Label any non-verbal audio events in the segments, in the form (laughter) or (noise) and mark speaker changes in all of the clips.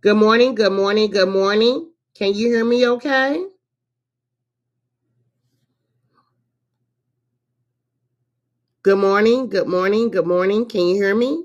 Speaker 1: Good morning, good morning, good morning. Can you hear me okay? Good morning, good morning, good morning. Can you hear me?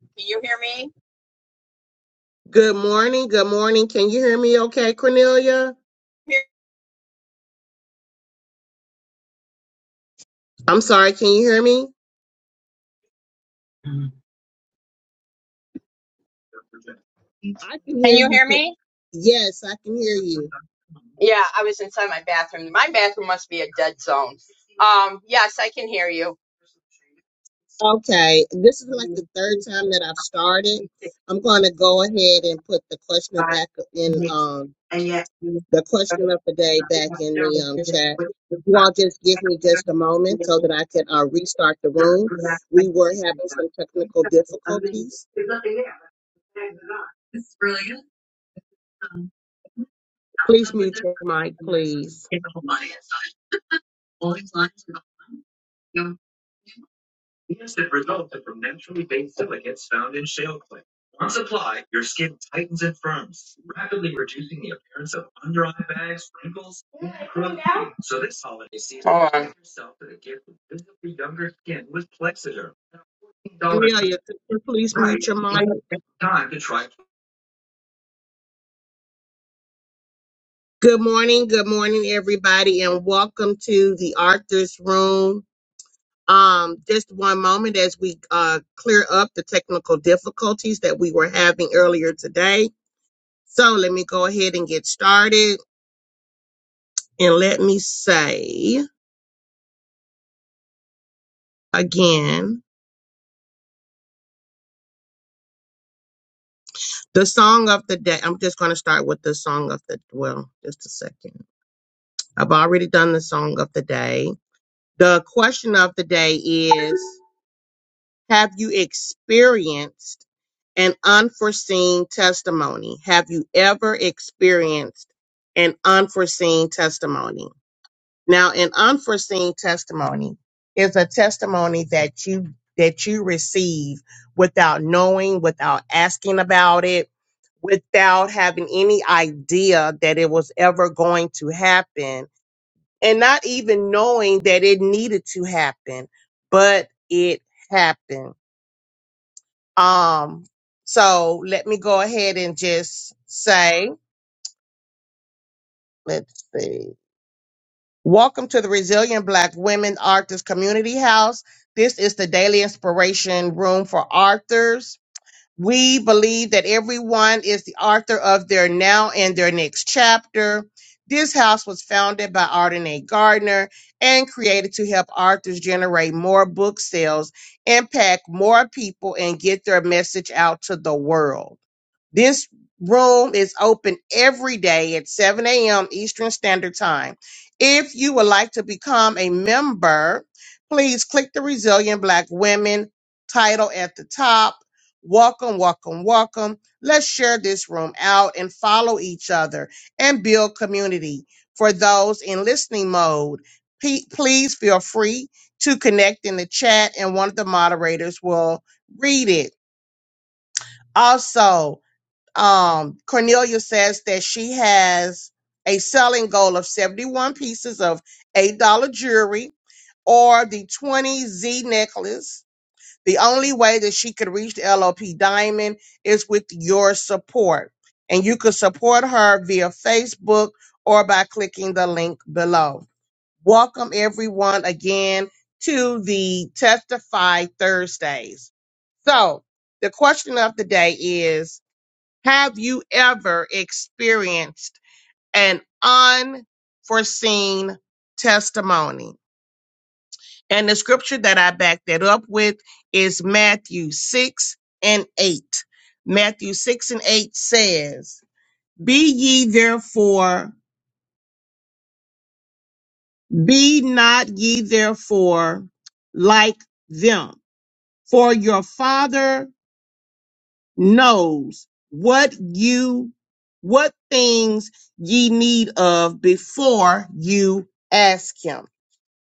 Speaker 2: Can you hear me?
Speaker 1: Good morning, good morning. Can you hear me okay, Cornelia? I'm sorry, can you hear me? I can
Speaker 2: Can
Speaker 1: hear
Speaker 2: you
Speaker 1: you.
Speaker 2: hear
Speaker 1: Cor-
Speaker 2: me?
Speaker 1: Yes, I can hear you.
Speaker 2: Yeah, I was inside my bathroom. My bathroom must be a dead zone. Um, yes, I can hear you.
Speaker 1: Okay, this is like the third time that I've started. I'm going to go ahead and put the question back in. Um, the question of the day back in the um, chat. You all just give me just a moment so that I could uh, restart the room. We were having some technical difficulties. Please mute your mic, please.
Speaker 2: So this holiday season, Hold on. give yourself a gift of visibly younger skin with Plexiderm.
Speaker 1: Cornelia, could you please mute your mic. Good morning, good morning, everybody, and welcome to the Arthur's Room. Um, just one moment as we uh, clear up the technical difficulties that we were having earlier today. So let me go ahead and get started. And let me say again, the song of the day. I'm just going to start with the song of the, well, just a second. I've already done the song of the day. The question of the day is Have you experienced an unforeseen testimony? Have you ever experienced an unforeseen testimony? Now, an unforeseen testimony is a testimony that you that you receive without knowing, without asking about it, without having any idea that it was ever going to happen, and not even knowing that it needed to happen, but it happened. Um so let me go ahead and just say, let's see. Welcome to the Resilient Black Women Authors Community House. This is the daily inspiration room for authors. We believe that everyone is the author of their now and their next chapter. This house was founded by Ardenae Gardner and created to help authors generate more book sales, impact more people, and get their message out to the world. This room is open every day at 7 a.m. Eastern Standard Time. If you would like to become a member, please click the Resilient Black Women title at the top. Welcome, welcome, welcome. Let's share this room out and follow each other and build community. For those in listening mode, pe- please feel free to connect in the chat and one of the moderators will read it. Also, um, Cornelia says that she has a selling goal of 71 pieces of $8 jewelry or the 20 Z necklace. The only way that she could reach the LOP diamond is with your support. And you can support her via Facebook or by clicking the link below. Welcome everyone again to the Testify Thursdays. So the question of the day is have you ever experienced an unforeseen testimony? And the scripture that I back that up with is Matthew 6 and 8. Matthew 6 and 8 says, Be ye therefore, be not ye therefore like them, for your Father knows what you what things ye need of before you ask him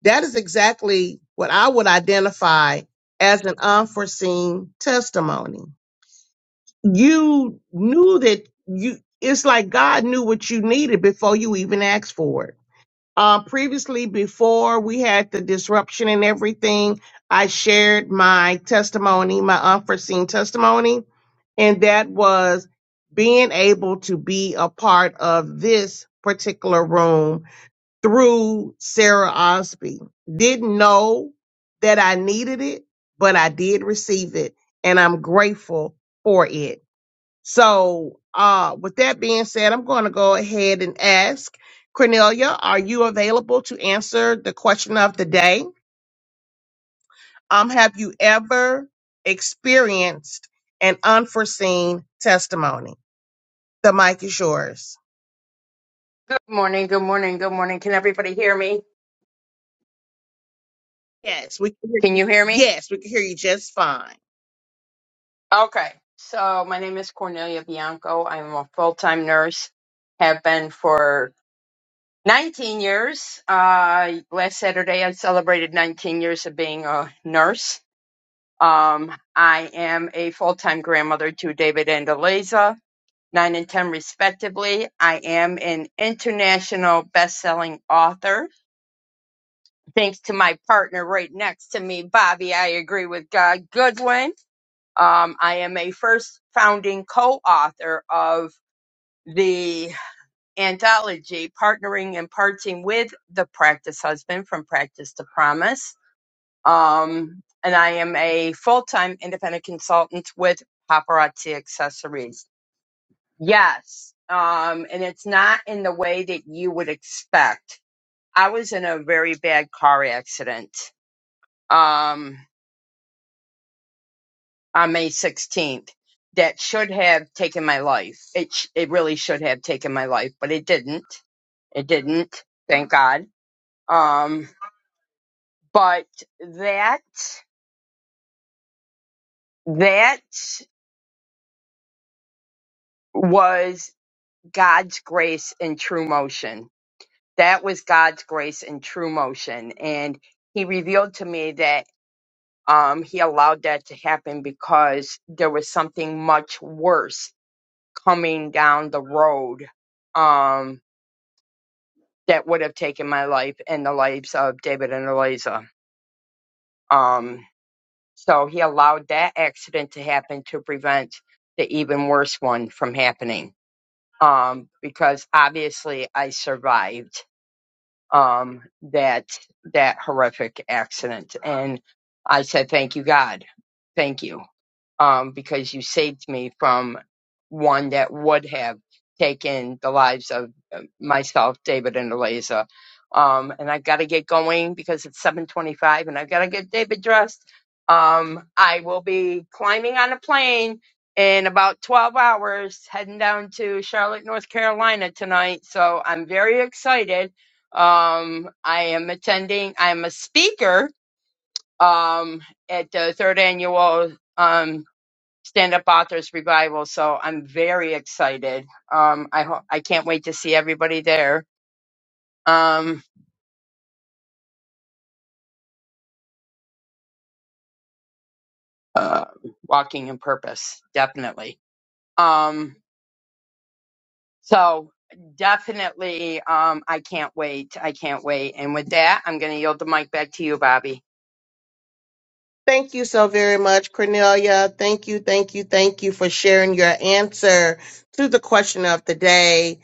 Speaker 1: that is exactly what i would identify as an unforeseen testimony you knew that you it's like god knew what you needed before you even asked for it um, previously, before we had the disruption and everything, I shared my testimony, my unforeseen testimony, and that was being able to be a part of this particular room through Sarah Osby. Didn't know that I needed it, but I did receive it, and I'm grateful for it. So, uh, with that being said, I'm going to go ahead and ask Cornelia, are you available to answer the question of the day? Um, have you ever experienced an unforeseen testimony? The mic is yours.
Speaker 2: Good morning, good morning, good morning. Can everybody hear me?
Speaker 1: Yes, we can hear
Speaker 2: Can
Speaker 1: you.
Speaker 2: you hear me?
Speaker 1: Yes, we can hear you just fine.
Speaker 2: Okay. So my name is Cornelia Bianco. I'm a full-time nurse. Have been for 19 years. Uh, last Saturday I celebrated 19 years of being a nurse. Um, I am a full-time grandmother to David and Eliza, nine and ten respectively. I am an international best-selling author. Thanks to my partner right next to me, Bobby, I agree with God Goodwin. Um, I am a first founding co-author of the anthology, partnering and parting with the practice husband from practice to promise. Um, and I am a full time independent consultant with Paparazzi Accessories. Yes. Um, and it's not in the way that you would expect. I was in a very bad car accident um, on May 16th that should have taken my life. It, sh- it really should have taken my life, but it didn't. It didn't. Thank God. Um, but that, that was God's grace in true motion. That was God's grace in true motion. And he revealed to me that um, he allowed that to happen because there was something much worse coming down the road um, that would have taken my life and the lives of David and Eliza. Um, so he allowed that accident to happen to prevent the even worse one from happening um, because obviously I survived um, that that horrific accident. And I said, "Thank you, God, thank you." um, because you saved me from one that would have taken the lives of uh, myself, David, and Eliza. Um, and I've got to get going because it's 7:25, and I've got to get David dressed. Um, I will be climbing on a plane in about 12 hours, heading down to Charlotte, North Carolina tonight. So I'm very excited. Um, I am attending. I am a speaker um, at the third annual. Um, Stand Up Authors Revival. So I'm very excited. Um, I ho- I can't wait to see everybody there. Um, uh, walking in purpose, definitely. Um, so definitely, um, I can't wait. I can't wait. And with that, I'm going to yield the mic back to you, Bobby.
Speaker 1: Thank you so very much, Cornelia. Thank you, thank you, thank you for sharing your answer to the question of the day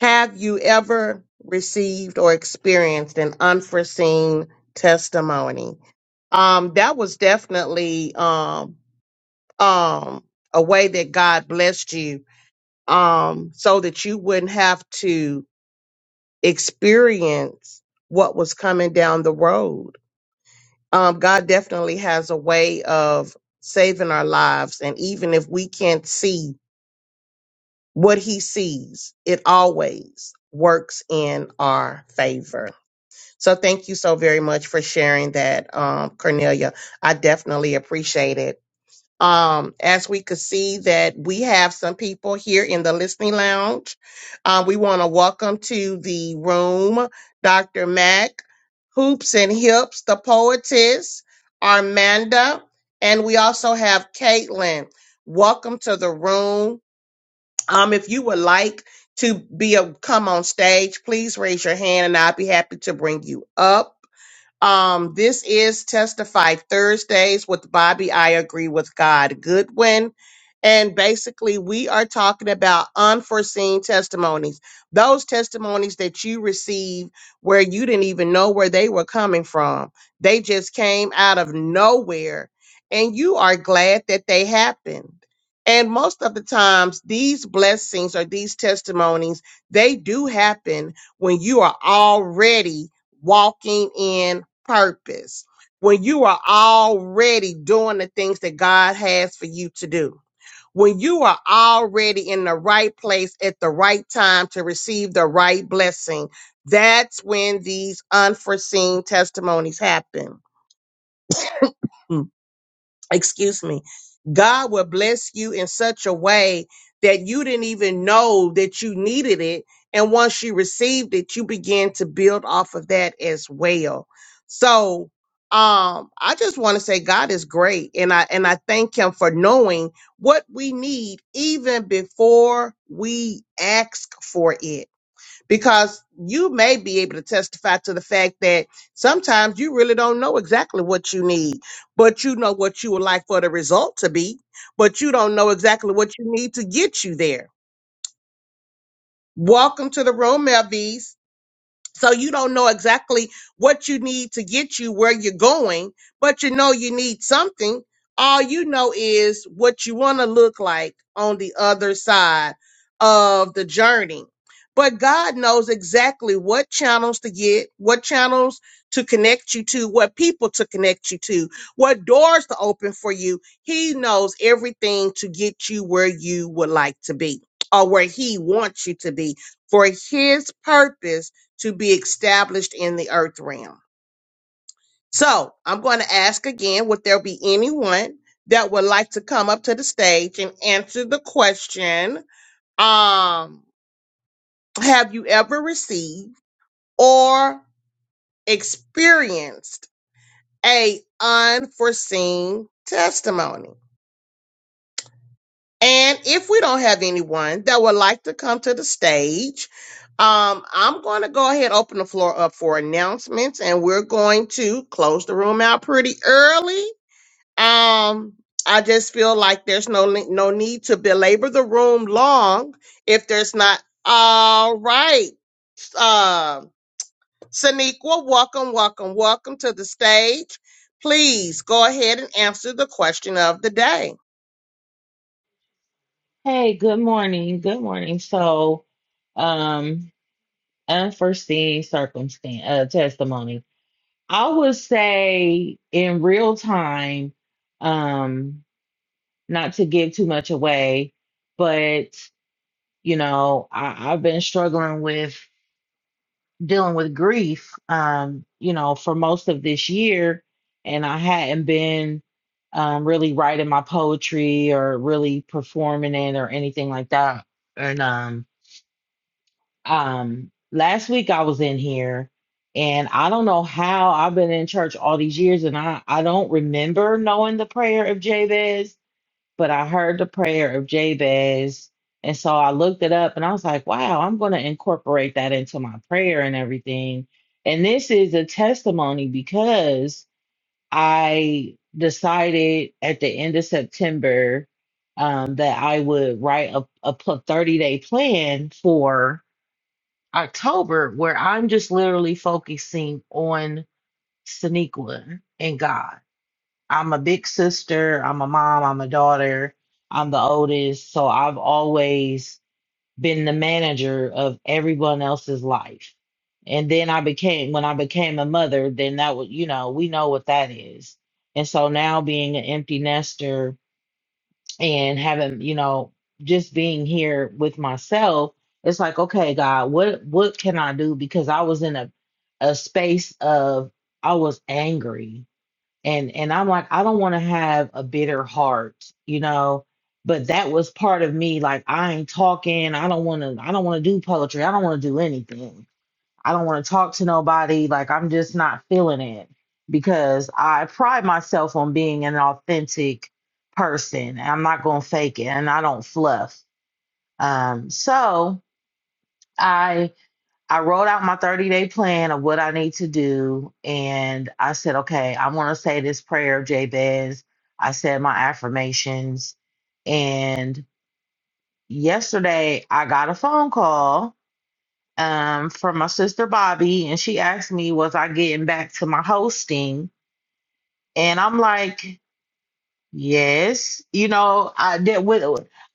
Speaker 1: Have you ever received or experienced an unforeseen testimony? Um, that was definitely um, um, a way that God blessed you um, so that you wouldn't have to experience what was coming down the road. Um, God definitely has a way of saving our lives. And even if we can't see what he sees, it always works in our favor. So thank you so very much for sharing that, um, Cornelia. I definitely appreciate it. Um, as we could see that we have some people here in the listening lounge. Uh, we want to welcome to the room Dr. Mac, Hoops and Hips, the poetess, Armanda, and we also have Caitlin. Welcome to the room. Um, if you would like to be a come on stage, please raise your hand and I'll be happy to bring you up. Um, this is Testify Thursdays with Bobby. I agree with God Goodwin. And basically, we are talking about unforeseen testimonies. Those testimonies that you receive where you didn't even know where they were coming from. They just came out of nowhere. And you are glad that they happened. And most of the times, these blessings or these testimonies, they do happen when you are already walking in purpose when you are already doing the things that God has for you to do. When you are already in the right place at the right time to receive the right blessing, that's when these unforeseen testimonies happen excuse me, God will bless you in such a way that you didn't even know that you needed it. And once you received it, you began to build off of that as well. So um, I just want to say God is great, and I and I thank Him for knowing what we need even before we ask for it because you may be able to testify to the fact that sometimes you really don't know exactly what you need, but you know what you would like for the result to be, but you don't know exactly what you need to get you there. Welcome to the room, Melvies. So you don't know exactly what you need to get you where you're going, but you know you need something. All you know is what you want to look like on the other side of the journey. But God knows exactly what channels to get, what channels to connect you to, what people to connect you to, what doors to open for you. He knows everything to get you where you would like to be or where He wants you to be for His purpose to be established in the earth realm. So I'm going to ask again would there be anyone that would like to come up to the stage and answer the question um, Have you ever received or experienced a unforeseen testimony? And if we don't have anyone that would like to come to the stage, um, I'm going to go ahead and open the floor up for announcements, and we're going to close the room out pretty early. Um, I just feel like there's no ne- no need to belabor the room long if there's not. All right, uh, Saniqua, welcome, welcome, welcome to the stage. Please go ahead and answer the question of the day.
Speaker 3: Hey, good morning. Good morning. So, um, unforeseen circumstance, uh, testimony. I would say in real time, um, not to give too much away, but you know, I, I've been struggling with dealing with grief, um, you know, for most of this year, and I hadn't been um really writing my poetry or really performing it or anything like that. And um um last week I was in here and I don't know how I've been in church all these years and I I don't remember knowing the prayer of Jabez, but I heard the prayer of Jabez and so I looked it up and I was like, wow, I'm going to incorporate that into my prayer and everything. And this is a testimony because I decided at the end of September um, that I would write a, a 30 day plan for October where I'm just literally focusing on Sonequa and God. I'm a big sister, I'm a mom, I'm a daughter, I'm the oldest. So I've always been the manager of everyone else's life. And then I became, when I became a mother, then that was, you know, we know what that is. And so now being an empty nester, and having you know just being here with myself it's like okay god what what can i do because i was in a a space of i was angry and and i'm like i don't want to have a bitter heart you know but that was part of me like i ain't talking i don't want to i don't want to do poetry i don't want to do anything I don't want to talk to nobody. Like, I'm just not feeling it because I pride myself on being an authentic person. I'm not going to fake it and I don't fluff. Um, so I, I wrote out my 30 day plan of what I need to do. And I said, okay, I want to say this prayer of Jabez. I said my affirmations. And yesterday I got a phone call um, from my sister Bobby, and she asked me, Was I getting back to my hosting? And I'm like, Yes, you know, I did with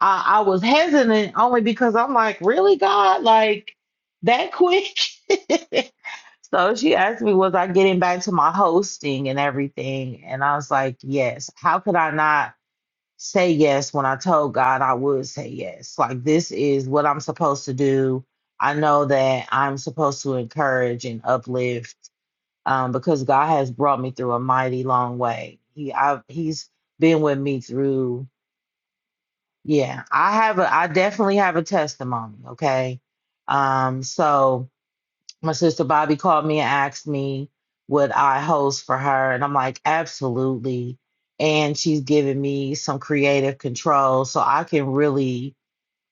Speaker 3: I, I was hesitant only because I'm like, Really, God, like that quick? (laughs) so she asked me, Was I getting back to my hosting and everything? And I was like, Yes, how could I not? say yes when I told God I would say yes. Like, this is what I'm supposed to do. I know that I'm supposed to encourage and uplift um, because God has brought me through a mighty long way. He, I, he's been with me through, yeah. I have a, I definitely have a testimony. Okay, um, so my sister Bobby called me and asked me would I host for her and I'm like absolutely and she's giving me some creative control so I can really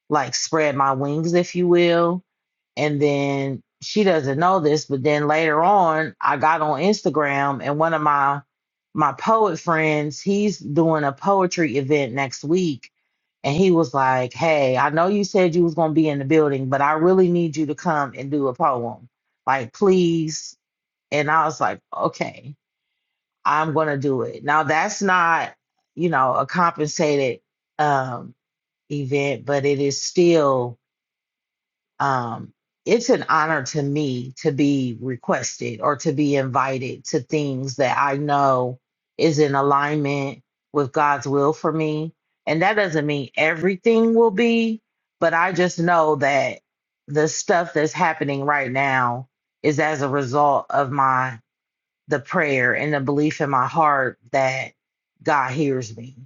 Speaker 3: like spread my wings, if you will. And then she doesn't know this, but then later on, I got on Instagram and one of my my poet friends, he's doing a poetry event next week. And he was like, Hey, I know you said you was gonna be in the building, but I really need you to come and do a poem. Like, please. And I was like, Okay, I'm gonna do it. Now that's not, you know, a compensated um event, but it is still um, it's an honor to me to be requested or to be invited to things that I know is in alignment with God's will for me. And that doesn't mean everything will be, but I just know that the stuff that's happening right now is as a result of my the prayer and the belief in my heart that God hears me.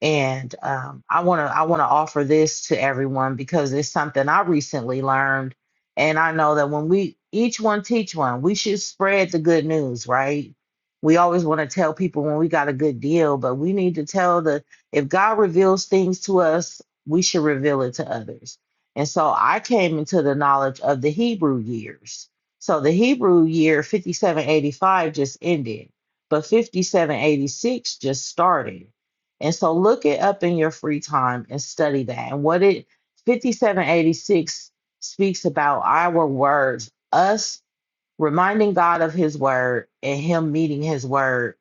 Speaker 3: And um, I want to I want to offer this to everyone because it's something I recently learned, and I know that when we each one teach one, we should spread the good news, right? We always want to tell people when we got a good deal, but we need to tell the if God reveals things to us, we should reveal it to others. And so I came into the knowledge of the Hebrew years. So the Hebrew year 5785 just ended, but 5786 just started. And so look it up in your free time and study that. And what it 5786 speaks about our words, us reminding God of his word and him meeting his word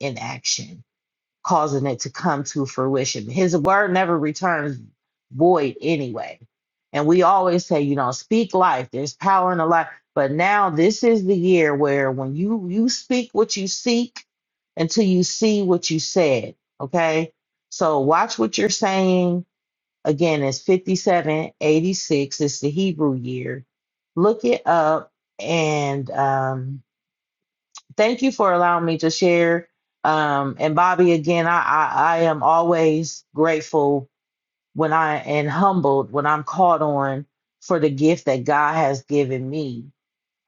Speaker 3: in action causing it to come to fruition. His word never returns void anyway. And we always say, you know, speak life. There's power in the life. But now this is the year where when you you speak what you seek until you see what you said. Okay. So watch what you're saying. Again, it's 5786. It's the Hebrew year. Look it up and um thank you for allowing me to share. Um, and Bobby, again, I, I, I am always grateful when I and humbled when I'm called on for the gift that God has given me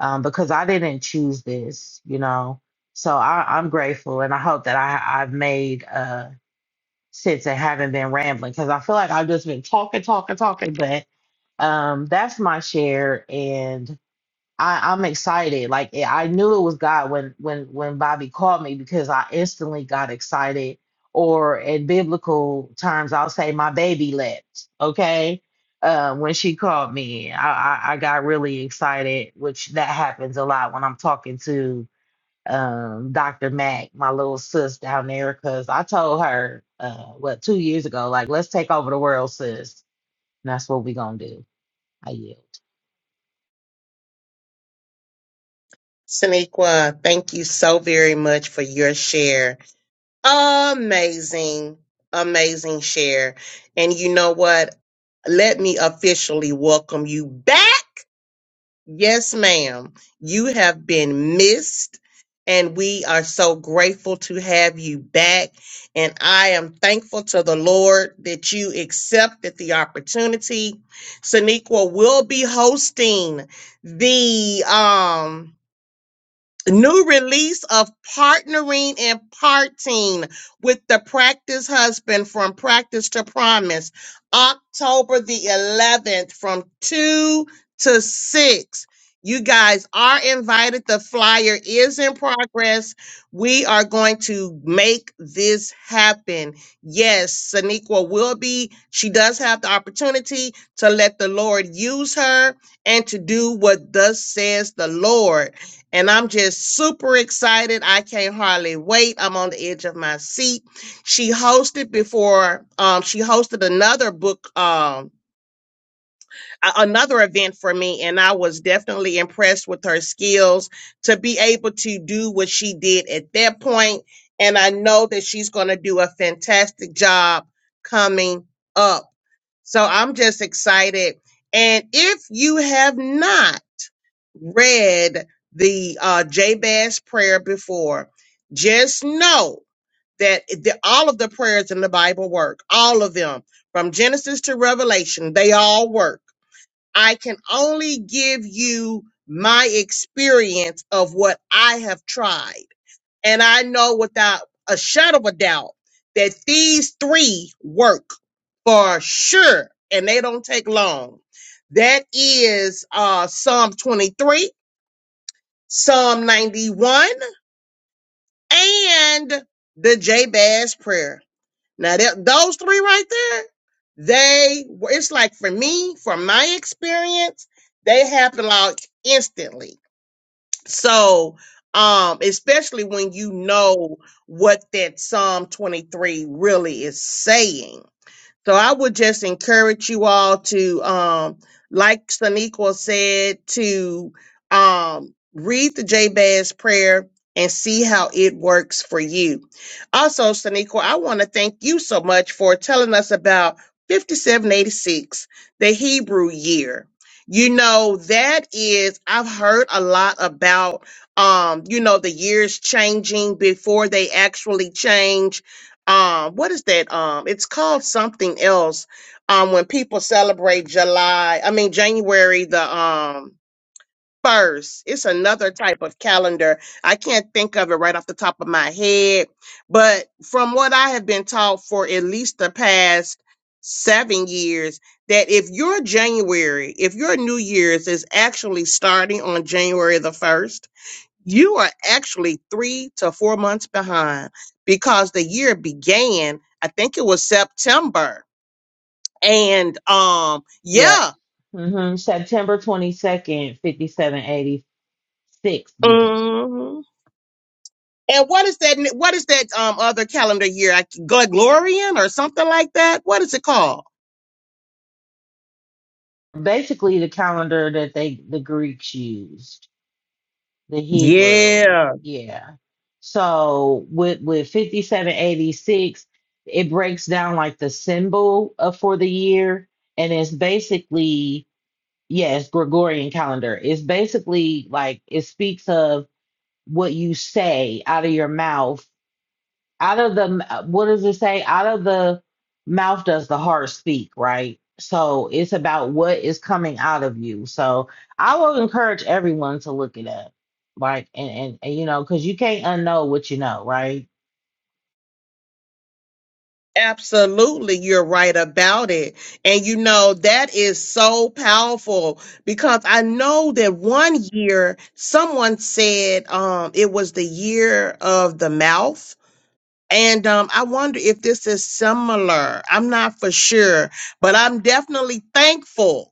Speaker 3: um, because I didn't choose this, you know. So I, I'm grateful, and I hope that I, I've made uh, sense and haven't been rambling because I feel like I've just been talking, talking, talking. But um, that's my share, and I, I'm excited. Like eh, I knew it was God when when when Bobby called me because I instantly got excited. Or in biblical terms, I'll say my baby leapt. Okay, uh, when she called me, I, I I got really excited, which that happens a lot when I'm talking to um Dr. Mac, my little sis down there, because I told her uh what two years ago, like let's take over the world, sis. And that's what we gonna do.
Speaker 1: Saniqua, thank you so very much for your share. Amazing, amazing share. And you know what? Let me officially welcome you back. Yes, ma'am. You have been missed, and we are so grateful to have you back. And I am thankful to the Lord that you accepted the opportunity. Saniqua will be hosting the um new release of partnering and parting with the practice husband from practice to promise october the 11th from 2 to 6 you guys are invited the flyer is in progress we are going to make this happen yes saniqua will be she does have the opportunity to let the lord use her and to do what thus says the lord and I'm just super excited. I can't hardly wait. I'm on the edge of my seat. She hosted before, um, she hosted another book, um, a- another event for me, and I was definitely impressed with her skills to be able to do what she did at that point. And I know that she's going to do a fantastic job coming up. So I'm just excited. And if you have not, read the uh, Jabez prayer before, just know that the, all of the prayers in the Bible work. All of them, from Genesis to Revelation, they all work. I can only give you my experience of what I have tried. And I know without a shadow of a doubt that these three work for sure. And they don't take long. That is uh, Psalm 23. Psalm 91, and the Jabez prayer. Now, that, those three right there, they were, it's like for me, from my experience, they happen like instantly. So, um, especially when you know what that Psalm 23 really is saying. So I would just encourage you all to, um, like Saniqua said, to um, read the Jabez prayer and see how it works for you. Also, Saniqua, I want to thank you so much for telling us about 5786, the Hebrew year. You know, that is, I've heard a lot about, um, you know, the years changing before they actually change um what is that um it's called something else um when people celebrate july i mean january the um first it's another type of calendar i can't think of it right off the top of my head but from what i have been taught for at least the past seven years that if your january if your new year's is actually starting on january the 1st you are actually three to four months behind because the year began i think it was september and um
Speaker 3: Yep.
Speaker 1: yeah
Speaker 3: hmm September 22nd, 5786 began.
Speaker 1: hmm and what is that what is that um other calendar year I- gregorian or something like that what is it called
Speaker 3: Basically, the calendar that they the Greeks used, the Hebrew.
Speaker 1: yeah
Speaker 3: Yeah. So with with 5786, it breaks down like the symbol of, for the year, and it's basically yes, Gregorian calendar. It's basically like it speaks of what you say out of your mouth out of the m- uh, what does it say out of the mouth does the heart speak right so it's about what is coming out of you so i will encourage everyone to look it up like and and, and you know because you can't unknow what you know right
Speaker 1: Absolutely, you're right about it. And you know, that is so powerful because I know that one year someone said um it was the year of the mouth. And um, I wonder if this is similar. I'm not for sure, but I'm definitely thankful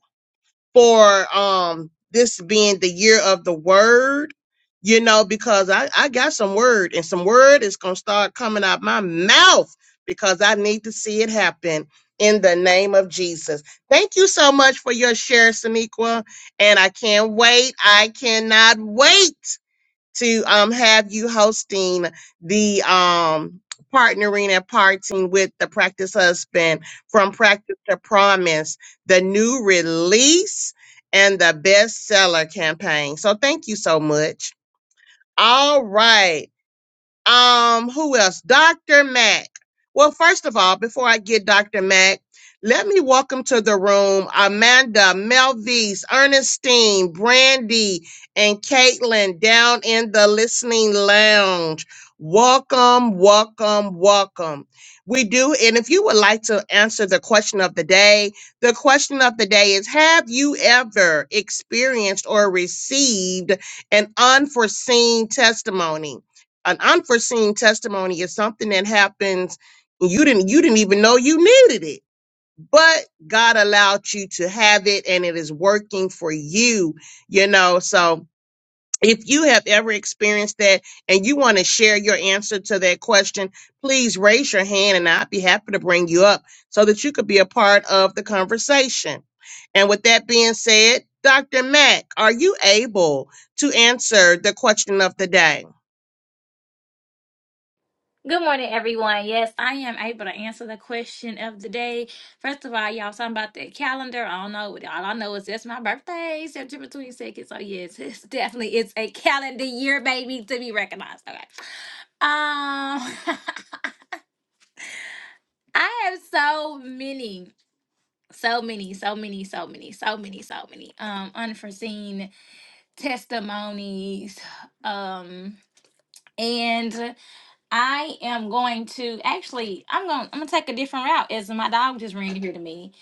Speaker 1: for um this being the year of the word, you know, because I, I got some word and some word is gonna start coming out my mouth because I need to see it happen in the name of Jesus. Thank you so much for your share, Saniqua. And I can't wait. I cannot wait to um, have you hosting the um, partnering and parting with the practice husband from practice to promise the new release and the bestseller campaign so thank you so much all right um, who else? Dr. Mack. Well, first of all, before I get Dr. Mack, let me welcome to the room Amanda, Melvise, Ernestine, Brandy, and Caitlin down in the listening lounge. Welcome, welcome, welcome. We do, and if you would like to answer the question of the day, the question of the day is Have you ever experienced or received an unforeseen testimony? an unforeseen testimony is something that happens and you didn't you didn't even know you needed it but god allowed you to have it and it is working for you you know so if you have ever experienced that and you want to share your answer to that question please raise your hand and i'd be happy to bring you up so that you could be a part of the conversation and with that being said dr mack are you able to answer the question of the day
Speaker 4: Good morning, everyone. Yes, I am able to answer the question of the day. First of all, y'all something about that calendar. I don't know. All I know is that's my birthday, September 22nd. So yes, (laughs) it's definitely it's a calendar year, baby, to be recognized. Okay. Um (laughs) I have so many, so many, so many, so many, so many, so many um unforeseen testimonies. Um and I am going to actually I'm going I'm going to take a different route as my dog just ran here to me.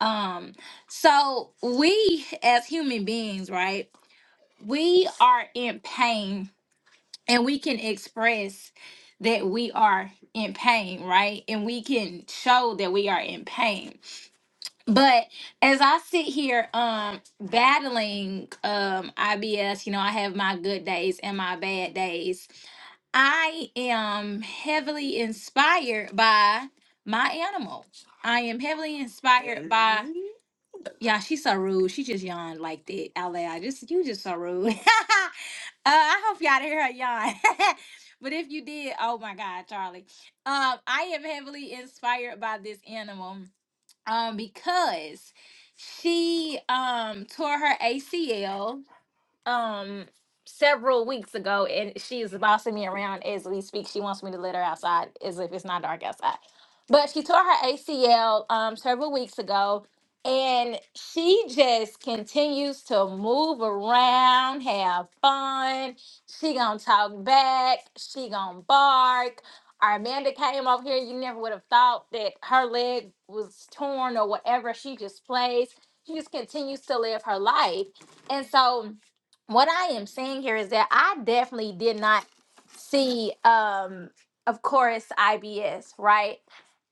Speaker 4: Um so we as human beings, right? We are in pain and we can express that we are in pain, right? And we can show that we are in pain. But as I sit here um battling um IBS, you know, I have my good days and my bad days I am heavily inspired by my animal. I am heavily inspired by Mhm. yeah, she's so rude. She just yawned like that out loud. Just you just so rude. (laughs) uh, I hope y'all didn't hear her yawn. (laughs) but if you did, oh my god, Charlie. Um, I am heavily inspired by this animal um because she um tore her ACL um several weeks ago and she's bossing me around as we speak. She wants me to let her outside as if it's not dark outside. But she tore her ACL um several weeks ago and she just continues to move around, have fun. She gonna talk back, she gonna bark. Amanda came over here, you never would have thought that her leg was torn or whatever. She just plays. She just continues to live her life. And so what I am saying here is that I definitely did not see um of course IBS, right?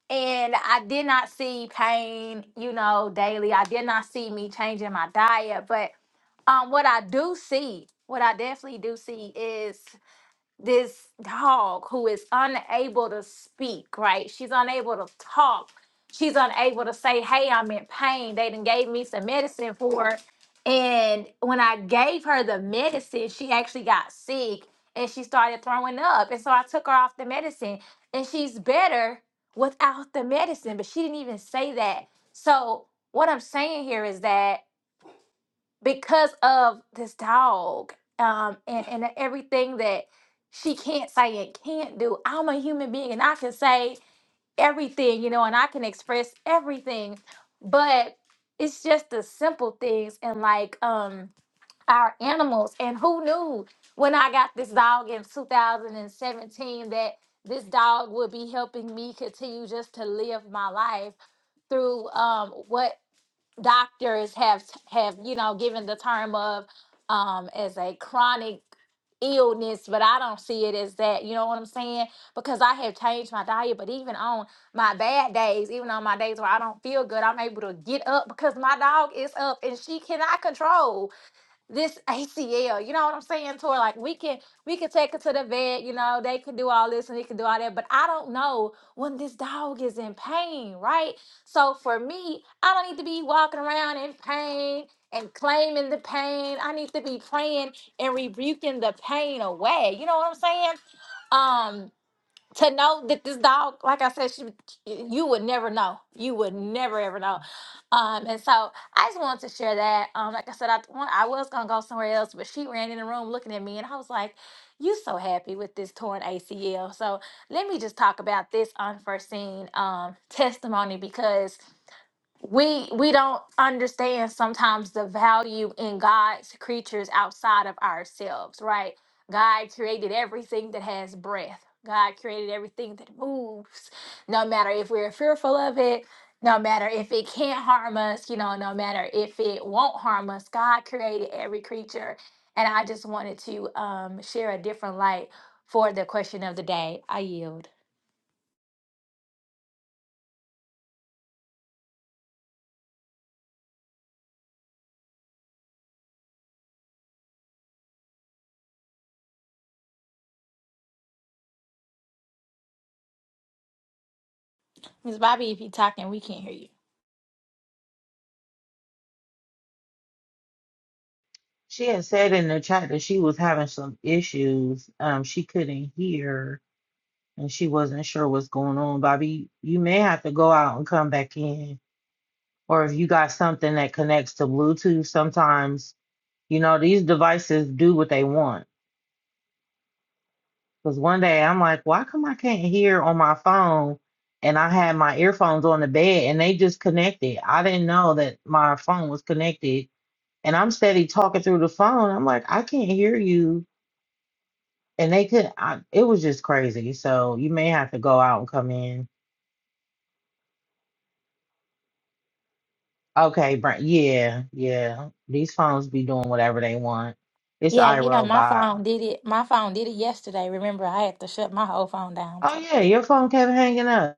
Speaker 4: And I did not see pain, you know, daily. I did not see me changing my diet, but um what I do see, what I definitely do see is this dog who is unable to speak, right? She's unable to talk. She's unable to say, hey, I'm in pain. They done gave me some medicine for it. And when I gave her the medicine, she actually got sick and she started throwing up. And so I took her off the medicine and she's better without the medicine, but she didn't even say that. So what I'm saying here is that because of this dog um, and, and everything that she can't say and can't do. I'm a human being and I can say everything, you know, and I can express everything, but it's just the simple things and like um, our animals. And who knew when I got this dog in 2017 that this dog would be helping me continue just to live my life through um, what doctors have have you know given the term of um as a chronic illness but i don't see it as that you know what i'm saying because i have changed my diet but even on my bad days even on my days where i don't feel good i'm able to get up because my dog is up and she cannot control this ACL. You know what I'm saying, Tori? Like we can we can take her to the vet, you know, they can do all this and they can do all that. But I don't know when this dog is in pain, right? So for me, I don't need to be walking around in pain and claiming the pain. I need to be praying and rebuking the pain away. You know what I'm saying? Um, to know that this dog, like I said, she, you would never know. You would never ever know. Um, and so I just wanted to share that. Um, like I said, I want, I was gonna go somewhere else, but she ran in the room looking at me, and I was like, "You so happy with this torn ACL." So let me just talk about this unforeseen um testimony because we we don't understand sometimes the value in God's creatures outside of ourselves, right? God created everything that has breath. God created everything that moves. No matter if we're fearful of it, no matter if it can't harm us, you know, no matter if it won't harm us, God created every creature. And I just wanted to um, share a different light for the question of the day. I yield. Miss Bobby, if you're talking, we can't hear you.
Speaker 3: she had said in the chat that she was having some issues um she couldn't hear and she wasn't sure what's going on bobby you may have to go out and come back in or if you got something that connects to bluetooth sometimes You know, these devices do what they want. Because one day I'm like, why come I can't hear on my phone? And I had my earphones on the bed and they just connected. I didn't know that my phone was connected. And I'm steady talking through the phone. I'm like, I can't hear you. And they could, I, it was just crazy. So you may have to go out and come in. Okay, Brent. Yeah, yeah. These phones be doing whatever they want. It's
Speaker 4: Yeah, you know, my
Speaker 3: iRobot.
Speaker 4: phone did it. My phone did it yesterday. Remember, I had to shut my whole phone down.
Speaker 3: Oh,
Speaker 4: So
Speaker 3: yeah,
Speaker 4: yeah,
Speaker 3: your phone kept hanging up.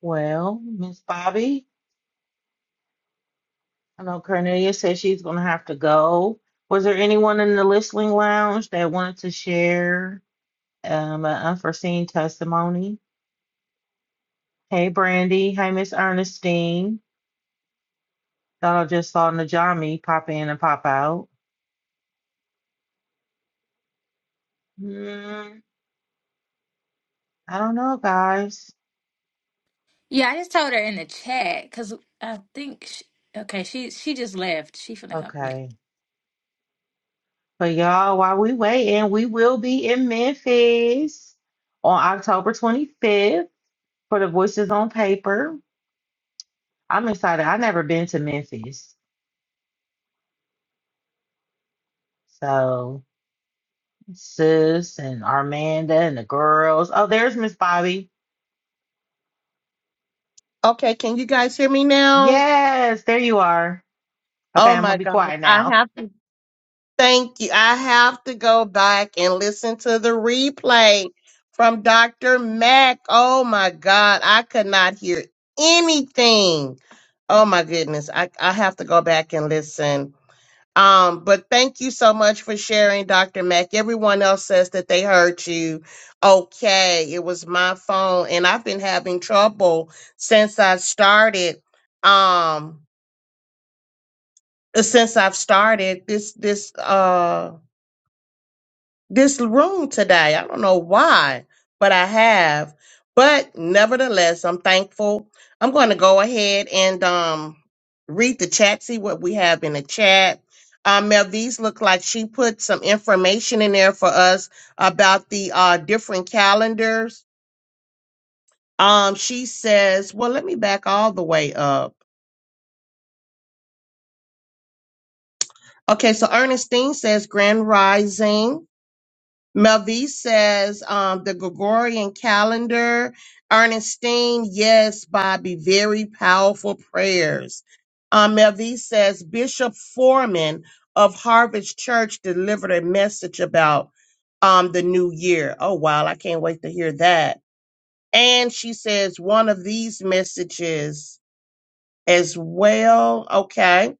Speaker 3: Well, Miss Bobby, I know Cornelia said she's going to have to go. Was there anyone in the listening lounge that wanted to share um, an unforeseen testimony? Hey, Brandy. Hey, Miss Ernestine. Thought I just saw Najami pop in and pop out. Hmm, I don't know, guys.
Speaker 4: yeah. I just told her in the chat because I think she, okay, she she just left. She finna come.
Speaker 3: Okay. But y'all, while we waiting, we will be in Memphis on October 25th for the Voices on Paper. I'm excited. i have never been to Memphis. So Sis and Armanda and the girls. Oh, there's Miss Bobby.
Speaker 1: Okay, can you guys hear me now?
Speaker 3: Yes, there you are. Okay,
Speaker 1: Oh
Speaker 3: I'm gonna
Speaker 1: my
Speaker 3: be
Speaker 1: God.
Speaker 3: quiet
Speaker 1: I
Speaker 3: now.
Speaker 1: have to thank you. I have to go back and listen to the replay from Dr. Mack. Oh my God. I could not hear anything. Oh my goodness. I, I have to go back and listen. Um, but thank you so much for sharing, Dr. Mack. Everyone else says that they heard you. Okay, it was my phone, and I've been having trouble since I started. Um, uh, since I've started this this uh this room today. I don't know why, but I have. But nevertheless, I'm thankful. I'm going to go ahead and um read the chat, see what we have in the chat. Uh, Melvise looked like she put some information in there for us about the uh different calendars. Um, she says, well, let me back all the way up. Okay, so Ernestine says Grand Rising. Melvie says um, the Gregorian calendar. Ernestine, yes, Bobby, very powerful prayers. Um, Melvie says Bishop Foreman of Harvest Church delivered a message about um, the new year. Oh, wow, I can't wait to hear that. And she says one of these messages as well. Okay.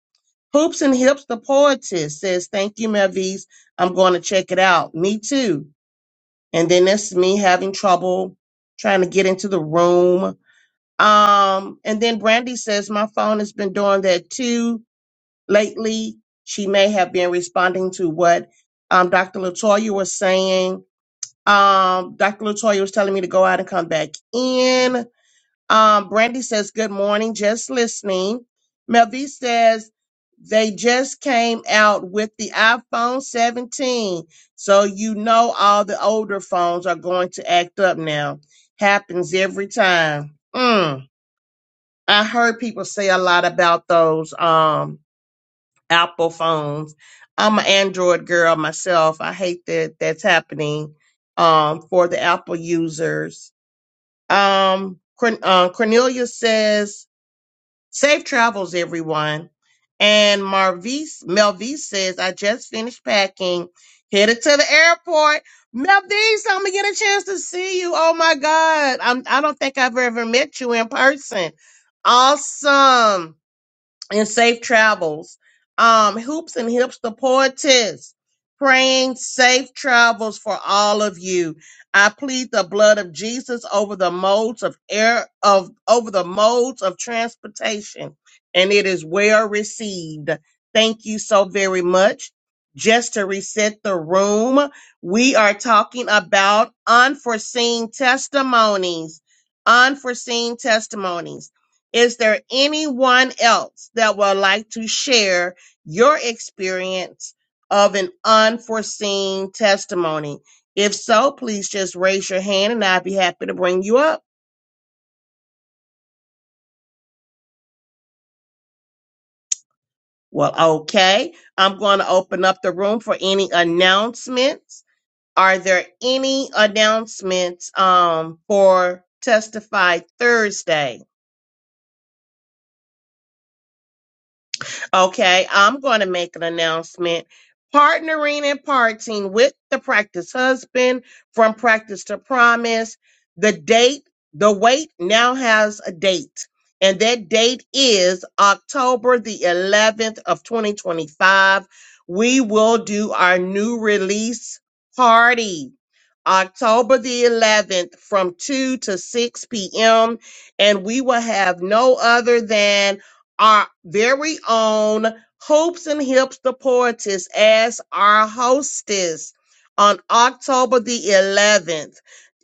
Speaker 1: Hoops and Hips, the poetess, says, Thank you, Melvise. I'm going to check it out. Me too and then that's me having trouble trying to get into the room. Um, and then Brandy says my phone has been doing that too lately. She may have been responding to what um, Dr. Latoya was saying. Um, Dr. Latoya was telling me to go out and come back in. Um, Brandy says, Good morning, just listening. Melvie says, They just came out with the iPhone 17. So you know all the older phones are going to act up now. Happens every time. Mm. I heard people say a lot about those um Apple phones. I'm an Android girl myself. I hate that that's happening um for the Apple users. Um Corn- uh, Cornelia says Safe travels, everyone. And Marvis, Melvis says, I just finished packing, headed to the airport. Melvis, I'm gonna get a chance to see you. Oh my God. I'm I don't think I've ever met you in person. Awesome and safe travels. Um, Hoops and Hips, the poetess, praying safe travels for all of you. I plead the blood of Jesus over the modes of air of over the modes of transportation, and it is well received. Thank you so very much. Just to reset the room, we are talking about unforeseen testimonies. Unforeseen testimonies. Is there anyone else that would like to share your experience of an unforeseen testimony? If so, please just raise your hand and I'd be happy to bring you up. Well, okay. I'm going to open up the room for any announcements. Are there any announcements um, for Testify Thursday? Okay, I'm going to make an announcement. Partnering and parting with the practice husband from practice to promise. The date, the wait now has a date. And that date is October the 11th of 2025. We will do our new release party October the 11th from 2 to 6 p.m. And we will have no other than our very own Hoops and Hips the Poetess as our hostess on October the 11th.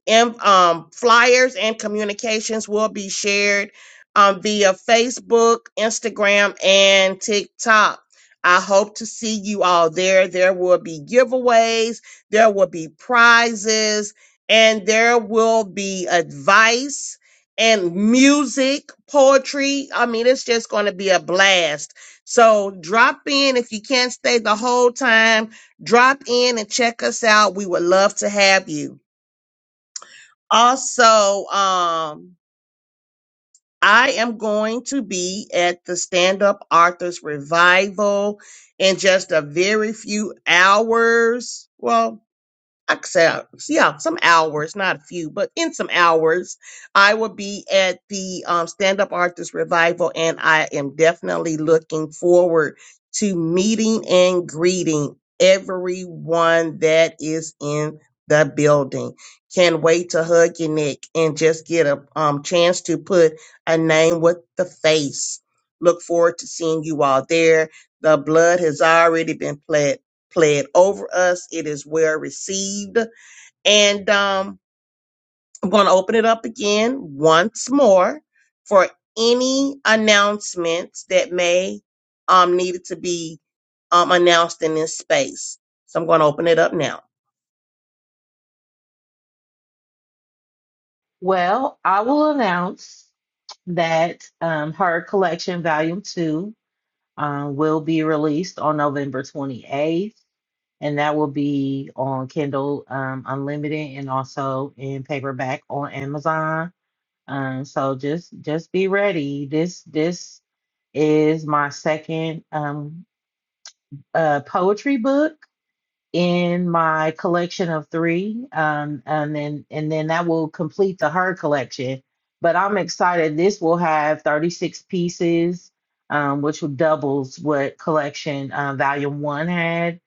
Speaker 1: And um, flyers and communications will be shared um, via Facebook, Instagram, and TikTok. I hope to see you all there. There will be giveaways, there will be prizes, and there will be advice and music, poetry. I mean, it's just going to be a blast. So drop in if you can't stay the whole time. Drop in and check us out. We would love to have you. Also, um, I am going to be at the Stand Up Arthur's Revival in just a very few hours. Well, I could say, uh, s- yeah, some hours, not a few, but in some hours, I will be at the um, Stand Up Artist Revival, and I am definitely looking forward to meeting and greeting everyone that is in the building. Can't wait to hug your neck and just get a um, chance to put a name with the face. Look forward to seeing you all there. The blood has already been pledged play it over us. It is well received. And um, I'm going to open it up again once more for any announcements that may um, needed to be um, announced in this space. So I'm going to open it up now.
Speaker 3: Well, I will announce that um, her collection, Volume Two, um, will be released on November 28th, and that will be on Kindle um, Unlimited and also in paperback on Amazon. Um, so just just be ready. This this is my second. Um, a poetry book in my collection of three, um, and then and then that will complete the her collection. But I'm excited. This will have 36 pieces, um, which will doubles what collection uh, volume one had.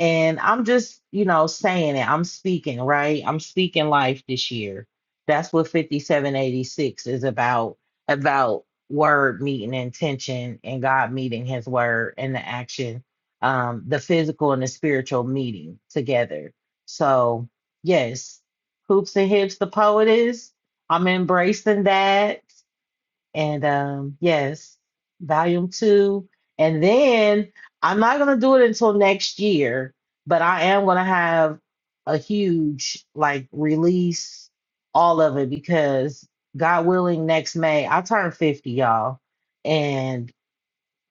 Speaker 3: And I'm just, you know, saying it. I'm speaking, right? I'm speaking life this year. That's what 5786 is about. About word meeting intention and God meeting His word and the action um, the physical and the spiritual meeting together. So, yes, Hoops and Hips, the poet is. I'm embracing that. And um, yes, volume two. And then I'm not going to do it until next year, but I am going to have a huge like release, all of it, because God willing, next May, I turn 50, y'all. And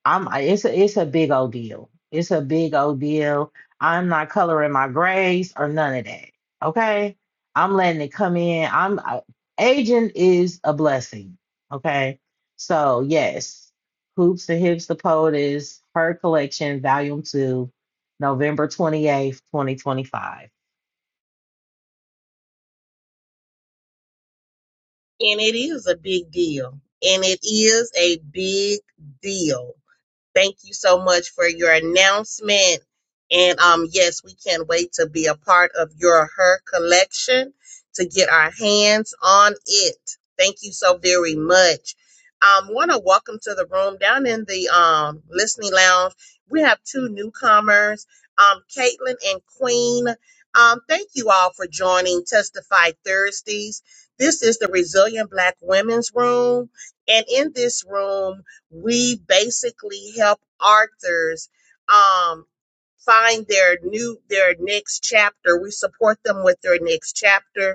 Speaker 3: I'm I- it's a it's a big old deal. It's a big old deal. I'm not coloring my grays or none of that. Okay. I'm letting it come in. I'm I, aging is a blessing. Okay. So yes, Hoops and Hips the Poet is her collection, volume two, November 28th, 2025.
Speaker 1: And it is a big deal. And it is a big deal Thank you so much for your announcement. And um, yes, we can't wait to be a part of your her collection to get our hands on it. Thank you so very much. Um, want to welcome to the room down in the um listening lounge. We have two newcomers, um, Caitlin and Queen. Um, thank you all for joining Testify Thursdays. This is the Resilient Black Women's Room, and in this room, we basically help authors um, find their new their next chapter. We support them with their next chapter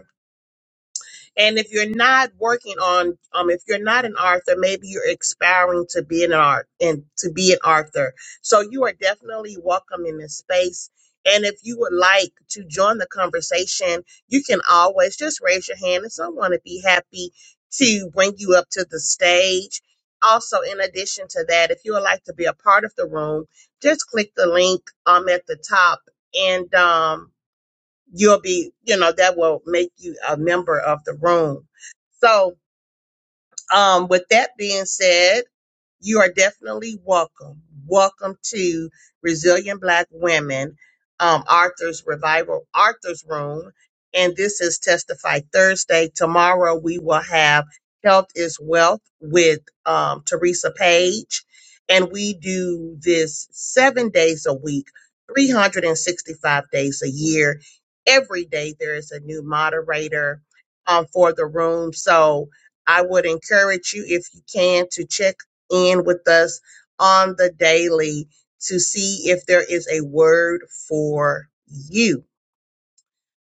Speaker 1: and if you're not working on, um, if you're not an author, maybe you're aspiring to be an art and to be an author. So you are definitely welcome in this space. And if you would like to join the conversation, you can always just raise your hand and someone would be happy to bring you up to the stage. Also, in addition to that, if you would like to be a part of the room, just click the link um at the top and um you'll be, you know, that will make you a member of the room. So, um, with that being said, you are definitely welcome. Welcome to Resilient Black Women, um, Arthur's Revival, Arthur's Room. And this is Testify Thursday. Tomorrow we will have Health is Wealth with um, Teresa Page. And we do this seven days a week, 365 days a year. Every day there is a new moderator um, for the room. So, I would encourage you, if you can, to check in with us on the daily to see if there is a word for you.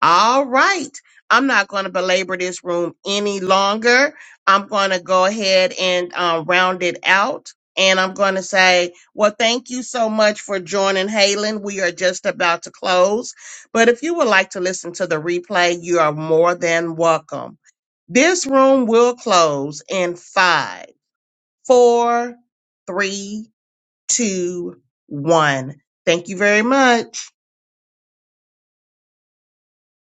Speaker 1: All right. I'm not going to belabor this room any longer. I'm going to go ahead and uh, round it out. And I'm going to say, well, thank you so much for joining Halen. We are just about to close. But if you would like to listen to the replay, you are more than welcome. This room will close in five, four, three, two, one. Thank you very much.